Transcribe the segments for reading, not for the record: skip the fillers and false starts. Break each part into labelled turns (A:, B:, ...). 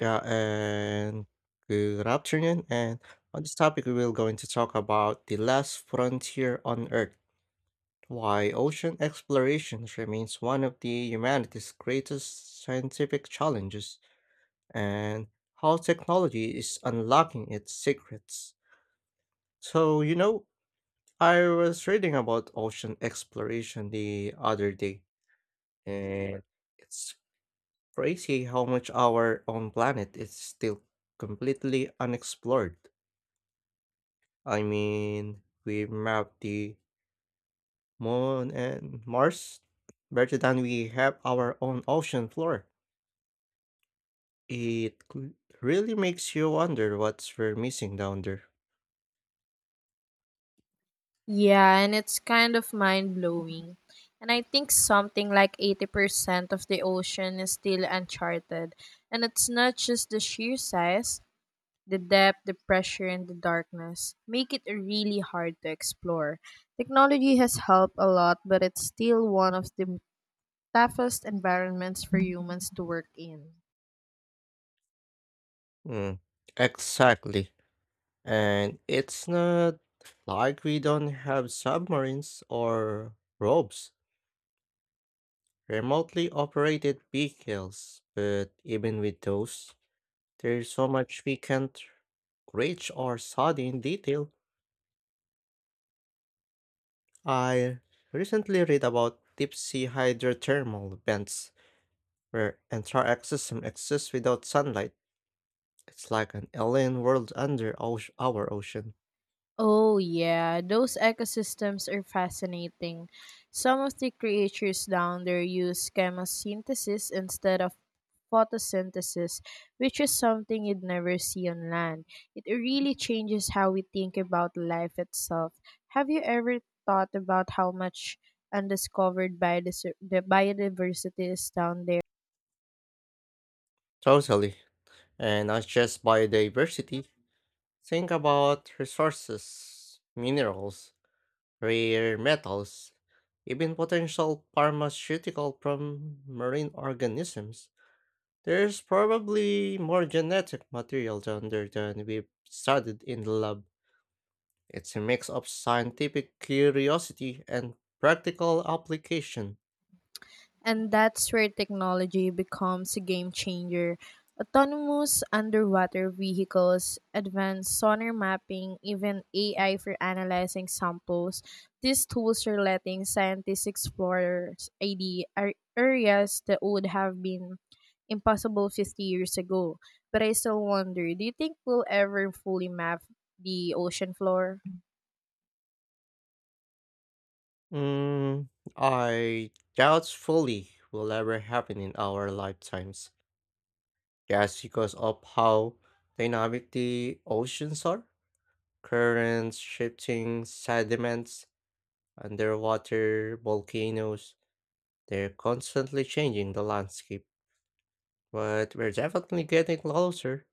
A: Yeah, and good afternoon. And on this topic, we will going to talk about the last frontier on Earth, why ocean exploration remains one of the humanity's greatest scientific challenges, and how technology is unlocking its secrets. So, I was reading about ocean exploration the other day, and it's crazy how much our own planet is still completely unexplored. I mean, we mapped the moon and Mars better than we have our own ocean floor. It cl- Really makes you wonder what's we're missing down there.
B: Yeah, and it's kind of mind blowing. And I think something like 80% of the ocean is still uncharted. And it's not just the sheer size, the depth, the pressure, and the darkness make it really hard to explore. Technology has helped a lot, but it's still one of the toughest environments for humans to work in.
A: Mm, exactly. And it's not like we don't have submarines or robes, remotely operated vehicles, but even with those, there's so much we can't reach or study in detail. I recently read about deep sea hydrothermal vents where entire ecosystem exists without sunlight. It's like an alien world under our ocean.
B: Oh, yeah, those ecosystems are fascinating. Some of the creatures down there use chemosynthesis instead of photosynthesis, which is something you'd never see on land. It really changes how we think about life itself. Have you ever thought about how much the biodiversity is down there?
A: Totally. And not just biodiversity. Think about resources, minerals, rare metals, even potential pharmaceutical from marine organisms. There's probably more genetic material down there than we've studied in the lab. It's a mix of scientific curiosity and practical application.
B: And that's where technology becomes a game changer. Autonomous underwater vehicles, advanced sonar mapping, even AI for analyzing samples. These tools are letting scientists explore areas that would have been impossible 50 years ago. But I still wonder, do you think we'll ever fully map the ocean floor?
A: Mm, I doubt fully will ever happen in our lifetimes, just because of how dynamic the oceans are. Currents, shifting sediments, underwater volcanoes, they're constantly changing the landscape. But we're definitely getting closer,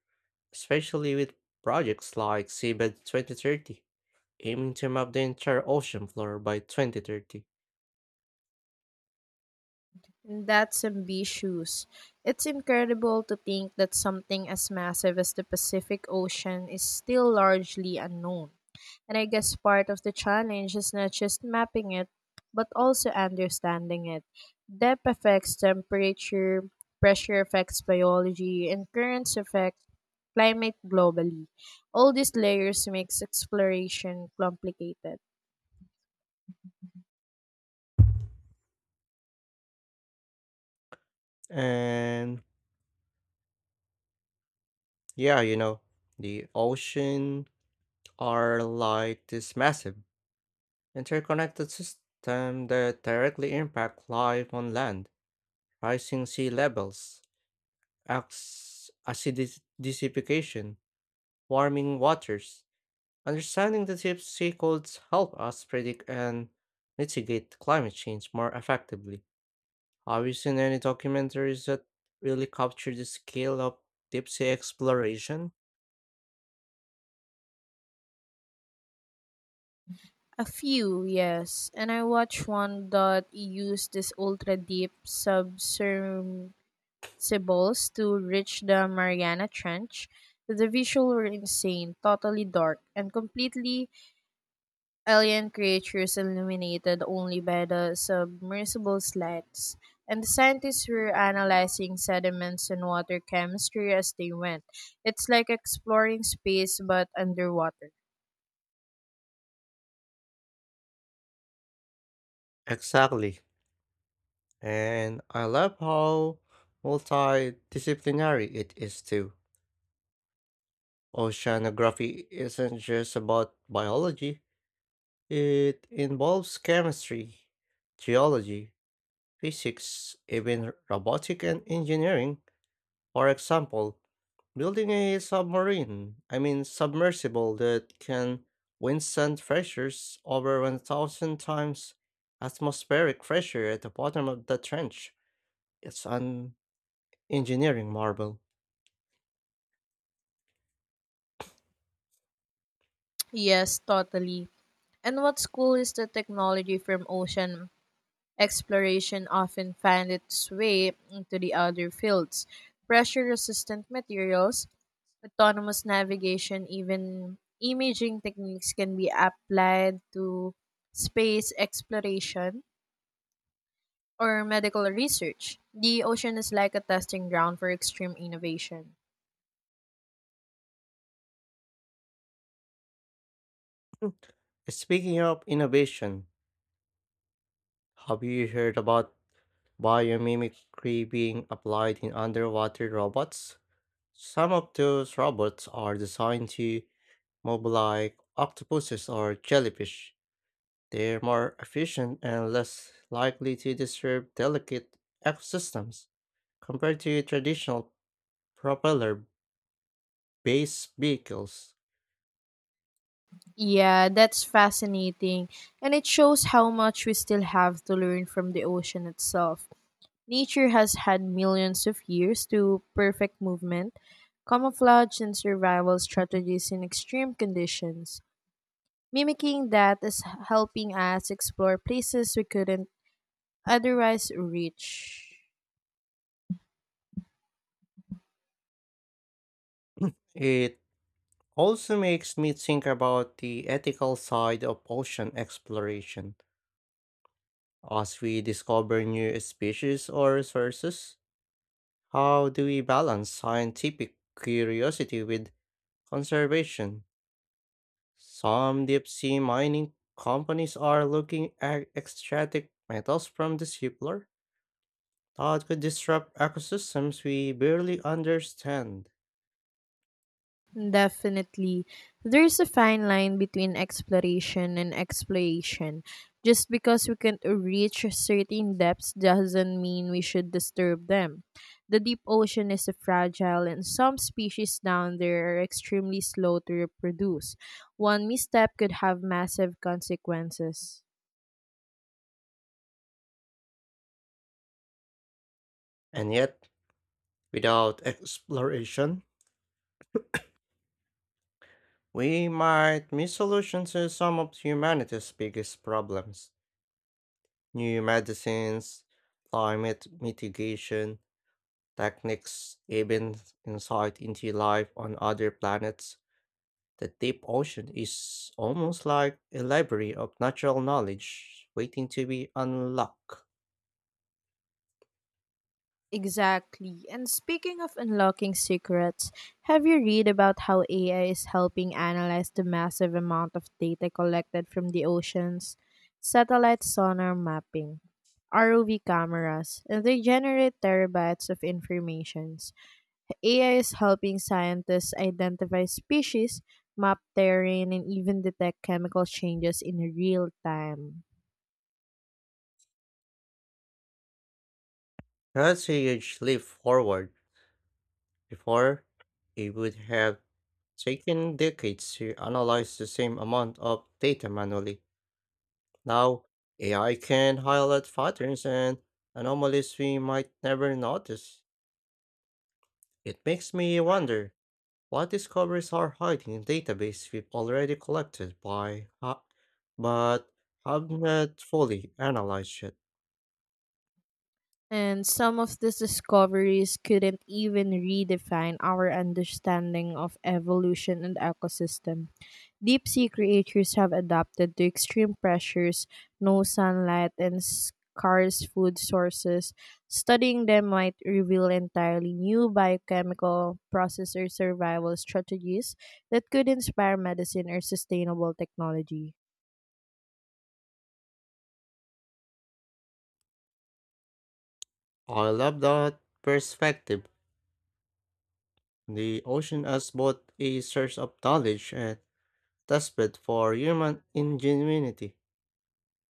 A: especially with projects like Seabed 2030, aiming to map the entire ocean floor by 2030.
B: That's ambitious. It's incredible to think that something as massive as the Pacific Ocean is still largely unknown. And I guess part of the challenge is not just mapping it, but also understanding it. Depth affects temperature, pressure affects biology, and currents affect climate globally. All these layers makes exploration complicated.
A: And yeah, you know, the ocean are like this massive interconnected system that directly impact life on land, rising sea levels, acts acidification, warming waters. Understanding the deep sea codes help us predict and mitigate climate change more effectively. Have you seen any documentaries that really capture the scale of deep sea exploration?
B: A few, yes. And I watched one that used this ultra deep submersibles to reach the Mariana Trench. The visuals were insane, totally dark, and completely alien creatures illuminated only by the submersible's lights. And the scientists were analyzing sediments and water chemistry as they went. It's like exploring space but underwater.
A: Exactly. And I love how multidisciplinary it is too. Oceanography isn't just about biology, it involves chemistry, geology, physics, even robotic and engineering. For example, building a submarine, I mean submersible that can withstand pressures over 1000 times atmospheric pressure at the bottom of the trench. It's an engineering marvel.
B: Yes, totally. And what's cool is that technology from ocean exploration often find its way into the other fields. Pressure resistant materials, autonomous navigation, even imaging techniques can be applied to space exploration or medical research. The ocean is like a testing ground for extreme innovation.
A: Speaking of innovation, have you heard about biomimicry being applied in underwater robots? Some of those robots are designed to move like octopuses or jellyfish. They're more efficient and less likely to disturb delicate ecosystems compared to traditional propeller based vehicles.
B: Yeah, that's fascinating. And it shows how much we still have to learn from the ocean itself. Nature has had millions of years to perfect movement, camouflage, and survival strategies in extreme conditions. Mimicking that is helping us explore places we couldn't otherwise reach.
A: It also makes me think about the ethical side of ocean exploration. As we discover new species or resources, how do we balance scientific curiosity with conservation? Some deep sea mining companies are looking at extracting metals from the seafloor that could disrupt ecosystems we barely understand.
B: Definitely. There's a fine line between exploration and exploitation. Just because we can reach certain depths doesn't mean we should disturb them. The deep ocean is fragile, and some species down there are extremely slow to reproduce. One misstep could have massive consequences.
A: And yet, without exploration, we might miss solutions to some of humanity's biggest problems. New medicines, climate mitigation, techniques, even insight into life on other planets. The deep ocean is almost like a library of natural knowledge waiting to be unlocked.
B: Exactly. And speaking of unlocking secrets, have you read about how AI is helping analyze the massive amount of data collected from the oceans, satellite sonar mapping, ROV cameras, and they generate terabytes of informations. AI is helping scientists identify species, map terrain, and even detect chemical changes in real time.
A: That's a huge leap forward. Before, it would have taken decades to analyze the same amount of data manually. Now, AI can highlight patterns and anomalies we might never notice. It makes me wonder, what discoveries are hiding in databases we've already collected but have not fully analyzed yet?
B: And some of these discoveries couldn't even redefine our understanding of evolution and ecosystem. Deep sea creatures have adapted to extreme pressures, no sunlight, and scarce food sources. Studying them might reveal entirely new biochemical process or survival strategies that could inspire medicine or sustainable technology.
A: I love that perspective. The ocean as both a source of knowledge and testbed for human ingenuity.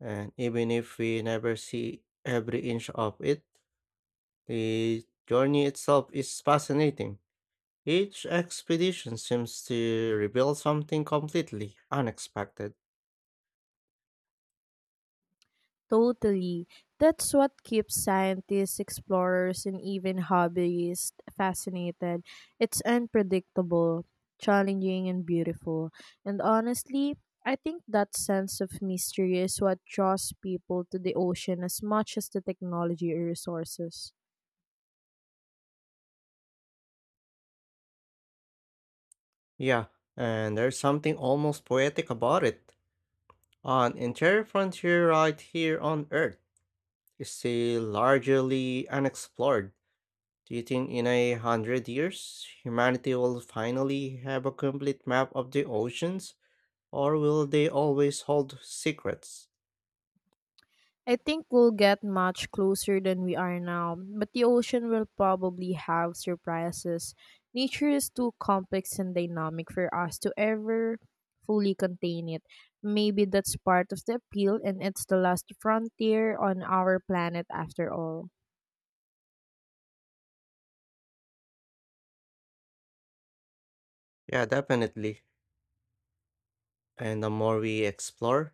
A: And even if we never see every inch of it, the journey itself is fascinating. Each expedition seems to reveal something completely unexpected.
B: Totally. That's what keeps scientists, explorers, and even hobbyists fascinated. It's unpredictable, challenging, and beautiful. And honestly, I think that sense of mystery is what draws people to the ocean as much as the technology or resources.
A: Yeah, and there's something almost poetic about it. An entire frontier right here on Earth is still largely unexplored. Do you think in 100 years humanity will finally have a complete map of the oceans, or will they always hold secrets?
B: I think we'll get much closer than we are now, but the ocean will probably have surprises. Nature is too complex and dynamic for us to ever fully contain it. Maybe that's part of the appeal, and it's the last frontier on our planet after all.
A: Yeah, definitely. And the more we explore,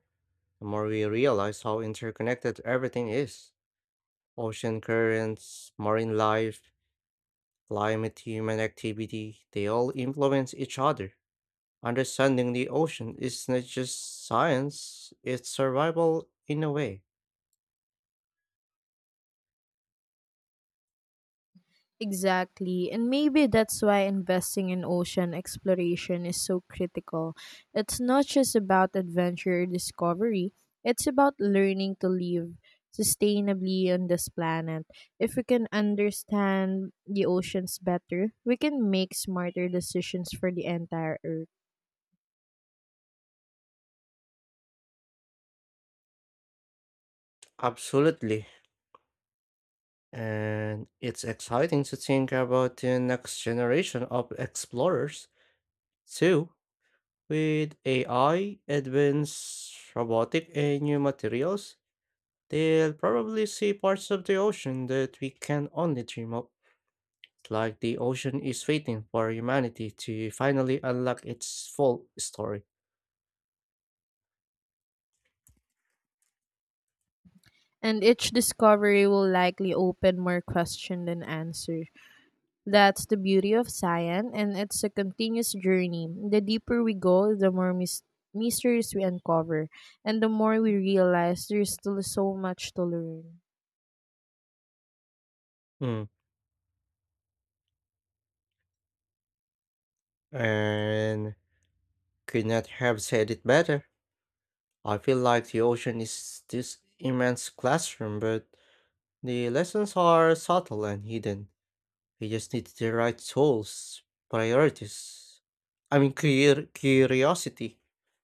A: the more we realize how interconnected everything is. Ocean currents, marine life, climate, human activity, they all influence each other. Understanding the ocean is not just science, it's survival in a way.
B: Exactly. And maybe that's why investing in ocean exploration is so critical. It's not just about adventure or discovery, it's about learning to live sustainably on this planet. If we can understand the oceans better, we can make smarter decisions for the entire Earth.
A: Absolutely. And it's exciting to think about the next generation of explorers, too, with AI, advanced robotic, and new materials. They'll probably see parts of the ocean that we can only dream of. Like the ocean is waiting for humanity to finally unlock its full story.
B: And each discovery will likely open more question than answer. That's the beauty of science, and it's a continuous journey. The deeper we go, the more mysteries we uncover, and the more we realize there's still so much to learn.
A: Mm. And could not have said it better. I feel like the ocean is this immense classroom, but the lessons are subtle and hidden. We just need the right tools, priorities, I mean, clear curiosity,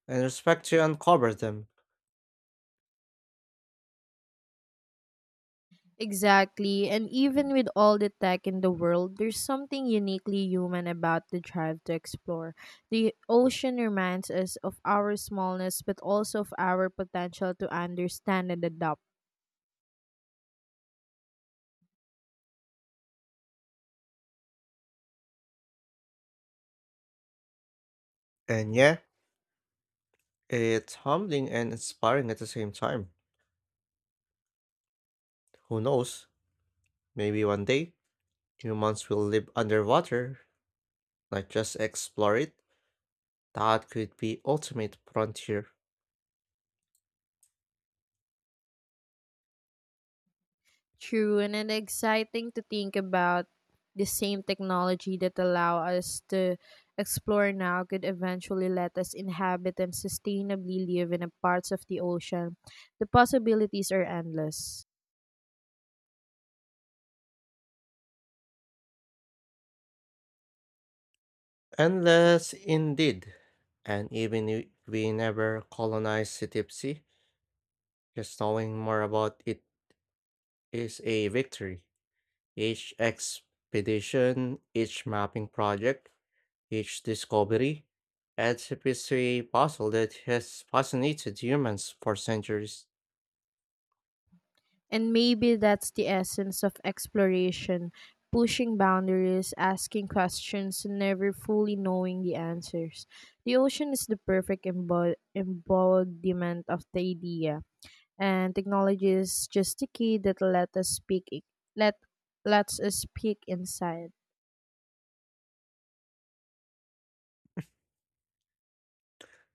A: and respect to uncover them.
B: Exactly, and even with all the tech in the world, there's something uniquely human about the drive to explore. The ocean reminds us of our smallness, but also of our potential to understand and adapt.
A: And yeah, it's humbling and inspiring at the same time. Who knows? Maybe one day humans will live underwater, not just explore it. That could be ultimate frontier.
B: True, and it's exciting to think about the same technology that allow us to explore now could eventually let us inhabit and sustainably live in a parts of the ocean. The possibilities are endless.
A: Unless indeed, and even if we never colonize Cetipsi, just knowing more about it is a victory. Each expedition, each mapping project, each discovery adds a piece to a puzzle that has fascinated humans for centuries.
B: And maybe that's the essence of exploration, pushing boundaries, asking questions, and never fully knowing the answers. The ocean is the perfect embodiment of the idea and technology is just the key that let lets us speak inside.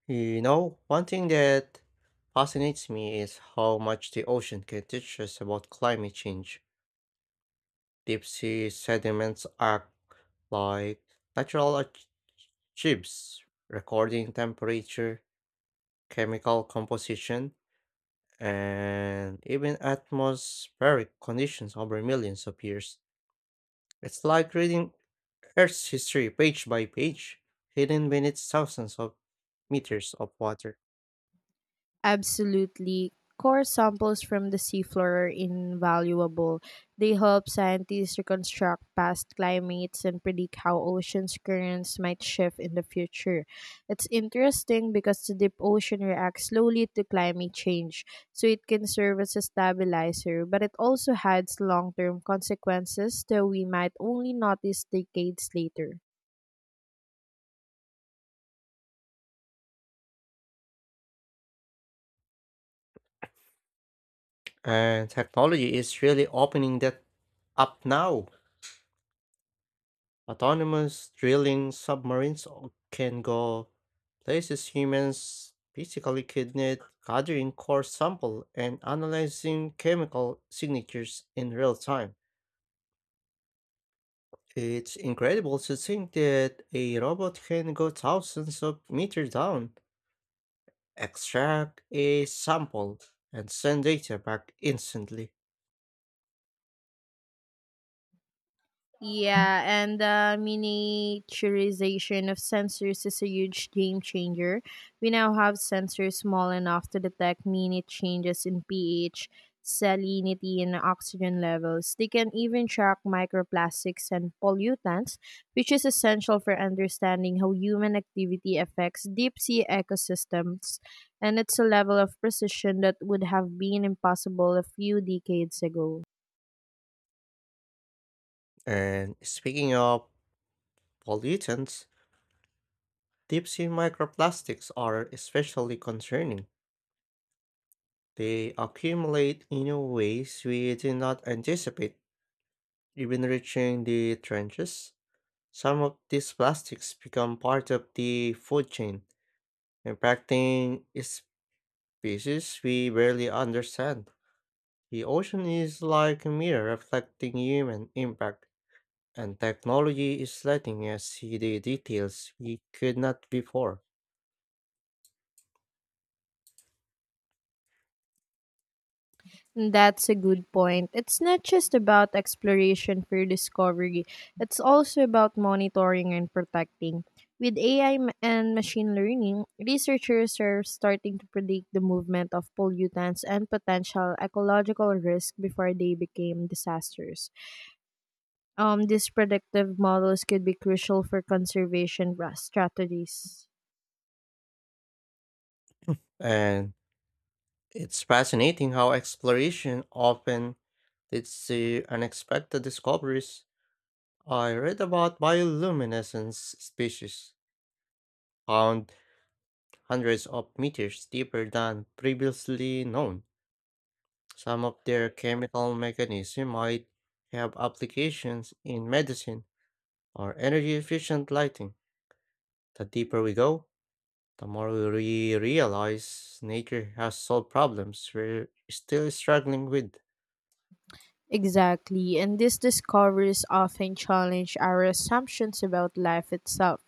A: You know, one thing that fascinates me is how much the ocean can teach us about climate change. Deep sea sediments act like natural chips, recording temperature, chemical composition, and even atmospheric conditions over millions of years. It's like reading Earth's history page by page, hidden beneath thousands of meters of water.
B: Absolutely. Core samples from the seafloor are invaluable. They help scientists reconstruct past climates and predict how ocean's currents might shift in the future. It's interesting because the deep ocean reacts slowly to climate change, so it can serve as a stabilizer, but it also has long term consequences that we might only notice decades later.
A: And technology is really opening that up now. Autonomous drilling submarines can go places humans physically could not, gathering core sample and analyzing chemical signatures in real time. It's incredible to think that a robot can go thousands of meters down, extract a sample, and send data back instantly.
B: Yeah, and the miniaturization of sensors is a huge game changer. We now have sensors small enough to detect minute changes in pH, salinity, and oxygen levels. They can even track microplastics and pollutants, which is essential for understanding how human activity affects deep sea ecosystems. And it's a level of precision that would have been impossible a few decades ago.
A: And speaking of pollutants, deep sea microplastics are especially concerning. They accumulate in ways we did not anticipate, even reaching the trenches. Some of these plastics become part of the food chain, impacting species we barely understand. The ocean is like a mirror reflecting human impact, and technology is letting us see the details we could not before.
B: That's a good point. It's not just about exploration for discovery, it's also about monitoring and protecting. With AI and machine learning, researchers are starting to predict the movement of pollutants and potential ecological risk before they became disasters. These predictive models could be crucial for strategies.
A: And it's fascinating how exploration often leads to unexpected discoveries. I read about bioluminescence species found hundreds of meters deeper than previously known. Some of their chemical mechanism might have applications in medicine or energy efficient lighting. The deeper we go, the more we realize nature has solved problems we're still struggling with.
B: Exactly, and these discoveries often challenge our assumptions about life itself.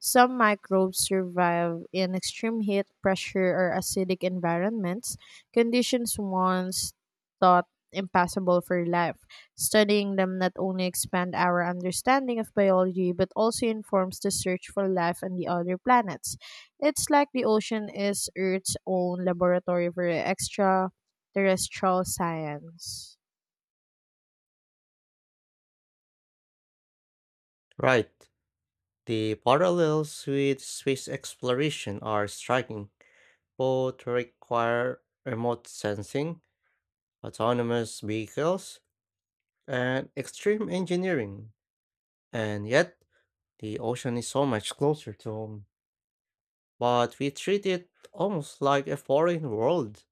B: Some microbes survive in extreme heat, pressure, or acidic environments, conditions once thought impossible for life. Studying them not only expand our understanding of biology but also informs the search for life on the other planets. It's like the ocean is Earth's own laboratory for extraterrestrial science.
A: Right. The parallels with space exploration are striking. Both require remote sensing, autonomous vehicles, and extreme engineering. And yet, the ocean is so much closer to home. But we treat it almost like a foreign world.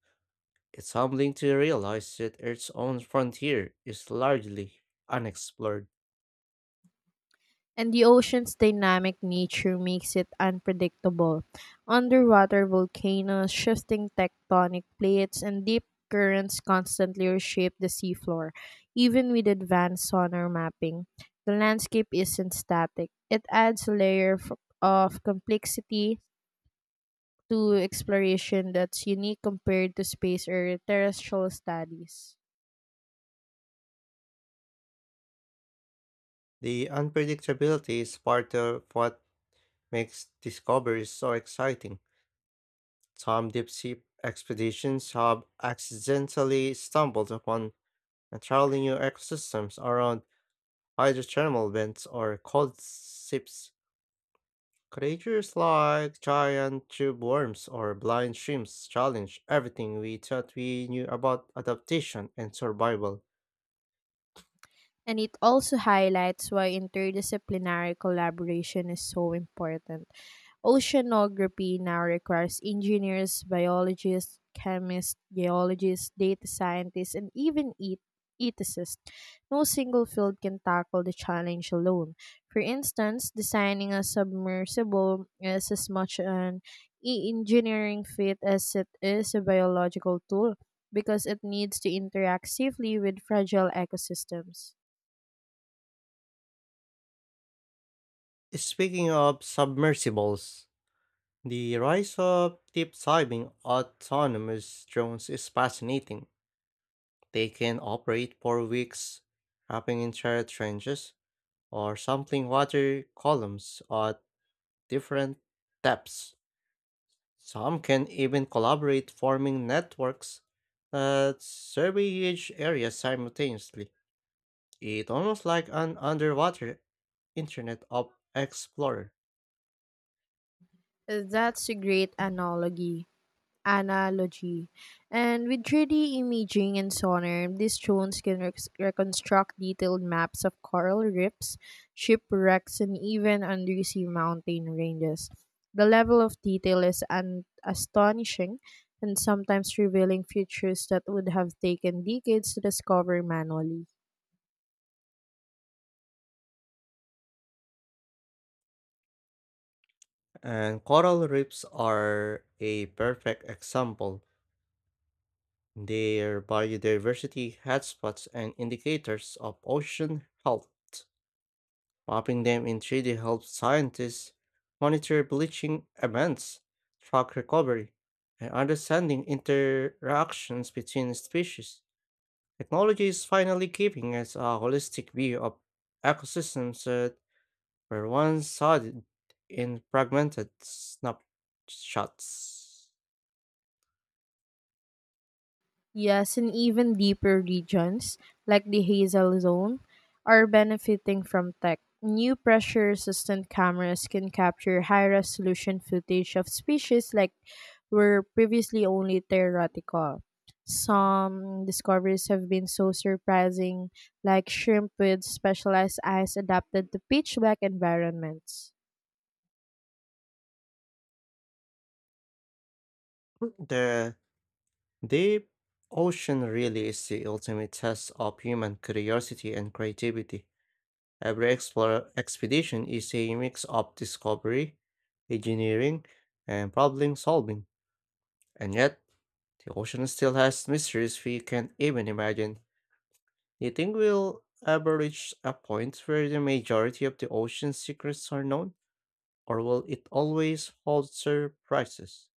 A: It's humbling to realize that Earth's own frontier is largely unexplored.
B: And the ocean's dynamic nature makes it unpredictable. Underwater volcanoes, shifting tectonic plates, and deep currents constantly reshape the seafloor. Even with advanced sonar mapping, the landscape isn't static. It adds a layer of complexity to exploration that's unique compared to space or terrestrial studies.
A: The unpredictability is part of what makes discoveries so exciting. Some deep sea expeditions have accidentally stumbled upon entirely new ecosystems around hydrothermal vents or cold sips. Creatures like giant tube worms or blind shrimps challenge everything we thought we knew about adaptation and survival.
B: And it also highlights why interdisciplinary collaboration is so important. Oceanography now requires engineers, biologists, chemists, geologists, data scientists, and even ethicists. No single field can tackle the challenge alone. For instance, designing a submersible is as much an engineering feat as it is a biological tool because it needs to interact safely with fragile ecosystems.
A: Speaking of submersibles, the rise of deep diving autonomous drones is fascinating. They can operate for weeks, mapping entire trenches or sampling water columns at different depths. Some can even collaborate, forming networks that survey huge areas simultaneously. It's almost like an underwater Internet of Explorer.
B: That's a great analogy. Analogy. And with 3D imaging and sonar, these drones can reconstruct detailed maps of coral reefs, shipwrecks, and even undersea mountain ranges. The level of detail is astonishing and sometimes revealing features that would have taken decades to discover manually.
A: And coral reefs are a perfect example. Their biodiversity hotspots and indicators of ocean health. Mapping them in 3D helps scientists monitor bleaching events, track recovery, and understanding interactions between species. Technology is finally giving us a holistic view of ecosystems that were once studied in fragmented snapshots.
B: Yes, and even deeper regions, like the Hazel Zone, are benefiting from tech. New pressure resistant cameras can capture high resolution footage of species like were previously only theoretical. Some discoveries have been so surprising, like shrimp with specialized eyes adapted to pitch black environments.
A: The deep ocean really is the ultimate test of human curiosity and creativity. Every explore expedition is a mix of discovery, engineering, and problem solving. And yet, the ocean still has mysteries we can't even imagine. Do you think we'll ever reach a point where the majority of the ocean's secrets are known? Or will it always hold surprises?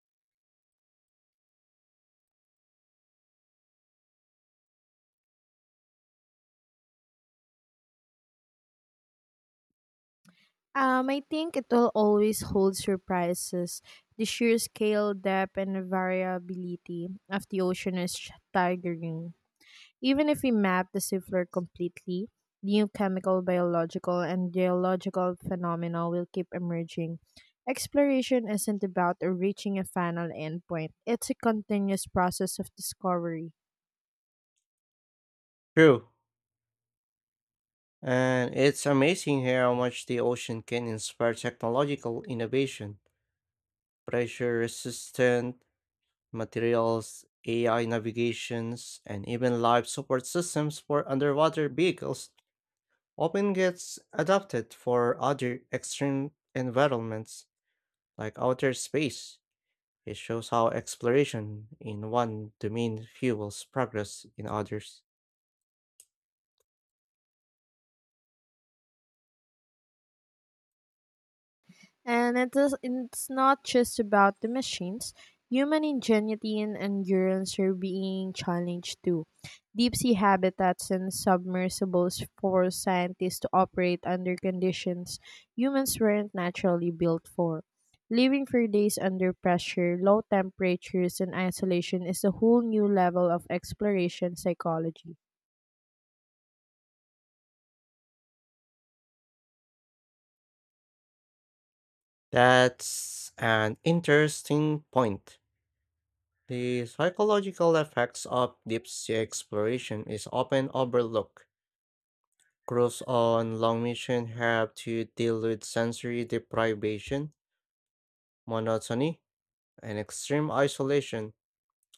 B: I think it will always hold surprises. The sheer scale, depth, and variability of the ocean is staggering. Even if we map the seafloor completely, new chemical, biological, and geological phenomena will keep emerging. Exploration isn't about reaching a final endpoint, it's a continuous process of discovery.
A: True. And it's amazing here how much the ocean can inspire technological innovation, pressure resistant materials, AI navigations, and even live support systems for underwater vehicles often gets adapted for other extreme environments like outer space. It shows how exploration in one domain fuels progress in others.
B: And it is, it's not just about the machines. Human ingenuity and endurance are being challenged too. Deep sea habitats and submersibles force scientists to operate under conditions humans weren't naturally built for. Living for days under pressure, low temperatures, and isolation is a whole new level of exploration psychology.
A: That's an interesting point. The psychological effects of deep sea exploration is often overlooked. Crews on long missions have to deal with sensory deprivation, monotony, and extreme isolation.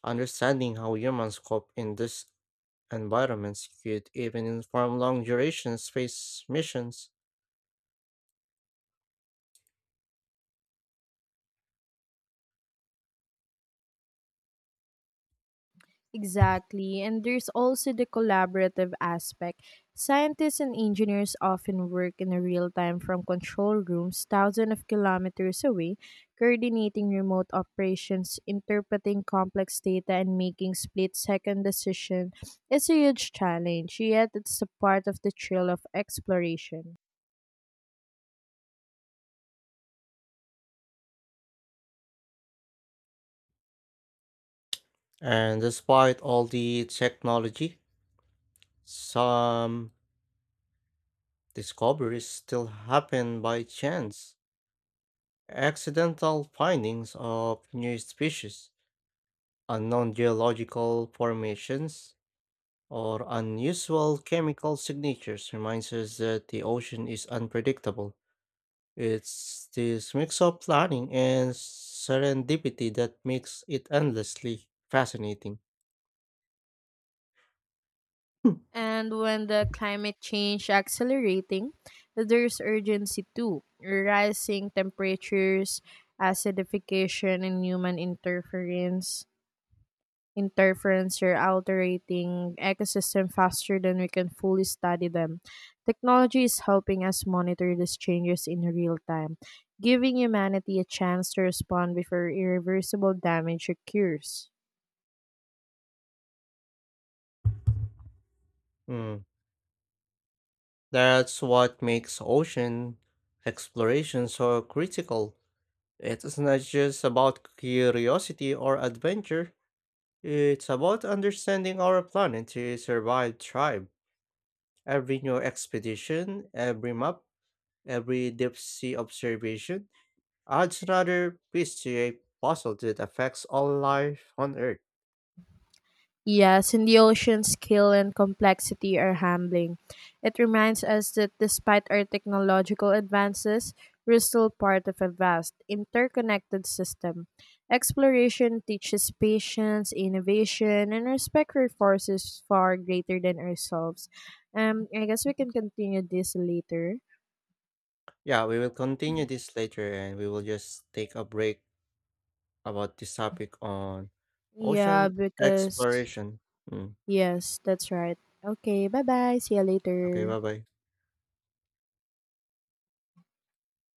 A: Understanding how humans cope in these environments could even inform long duration space missions.
B: Exactly. And there's also the collaborative aspect. Scientists and engineers often work in real time from control rooms thousands of kilometers away, coordinating remote operations, interpreting complex data, and making split second decisions. It's a huge challenge, yet, it's a part of the thrill of exploration.
A: And despite all the technology, some discoveries still happen by chance. Accidental findings of new species, unknown geological formations, or unusual chemical signatures reminds us that the ocean is unpredictable. It's this mix of planning and serendipity that makes it endlessly fascinating.
B: And when the climate change accelerating, there's urgency too. Rising temperatures, acidification, and human interference are altering ecosystem faster than we can fully study them. Technology is helping us monitor these changes in real time, giving humanity a chance to respond before irreversible damage occurs.
A: Mm, that's what makes ocean exploration so critical. It's not just about curiosity or adventure, it's about understanding our planet to survive, thrive. Every new expedition, every map, every deep sea observation adds another piece to a puzzle that affects all life on Earth.
B: Yes, and the ocean's scale and complexity are humbling. It reminds us that despite our technological advances, we're still part of a vast, interconnected system. Exploration teaches patience, innovation, and respect for forces far greater than ourselves. I guess we can continue this later.
A: Yeah, we will continue this later and we will just take a break about this topic on
B: Yeah,
A: ocean
B: because
A: exploration. Mm.
B: yes, that's right. Okay, bye bye. See you
A: Okay,
B: later.
A: bye bye.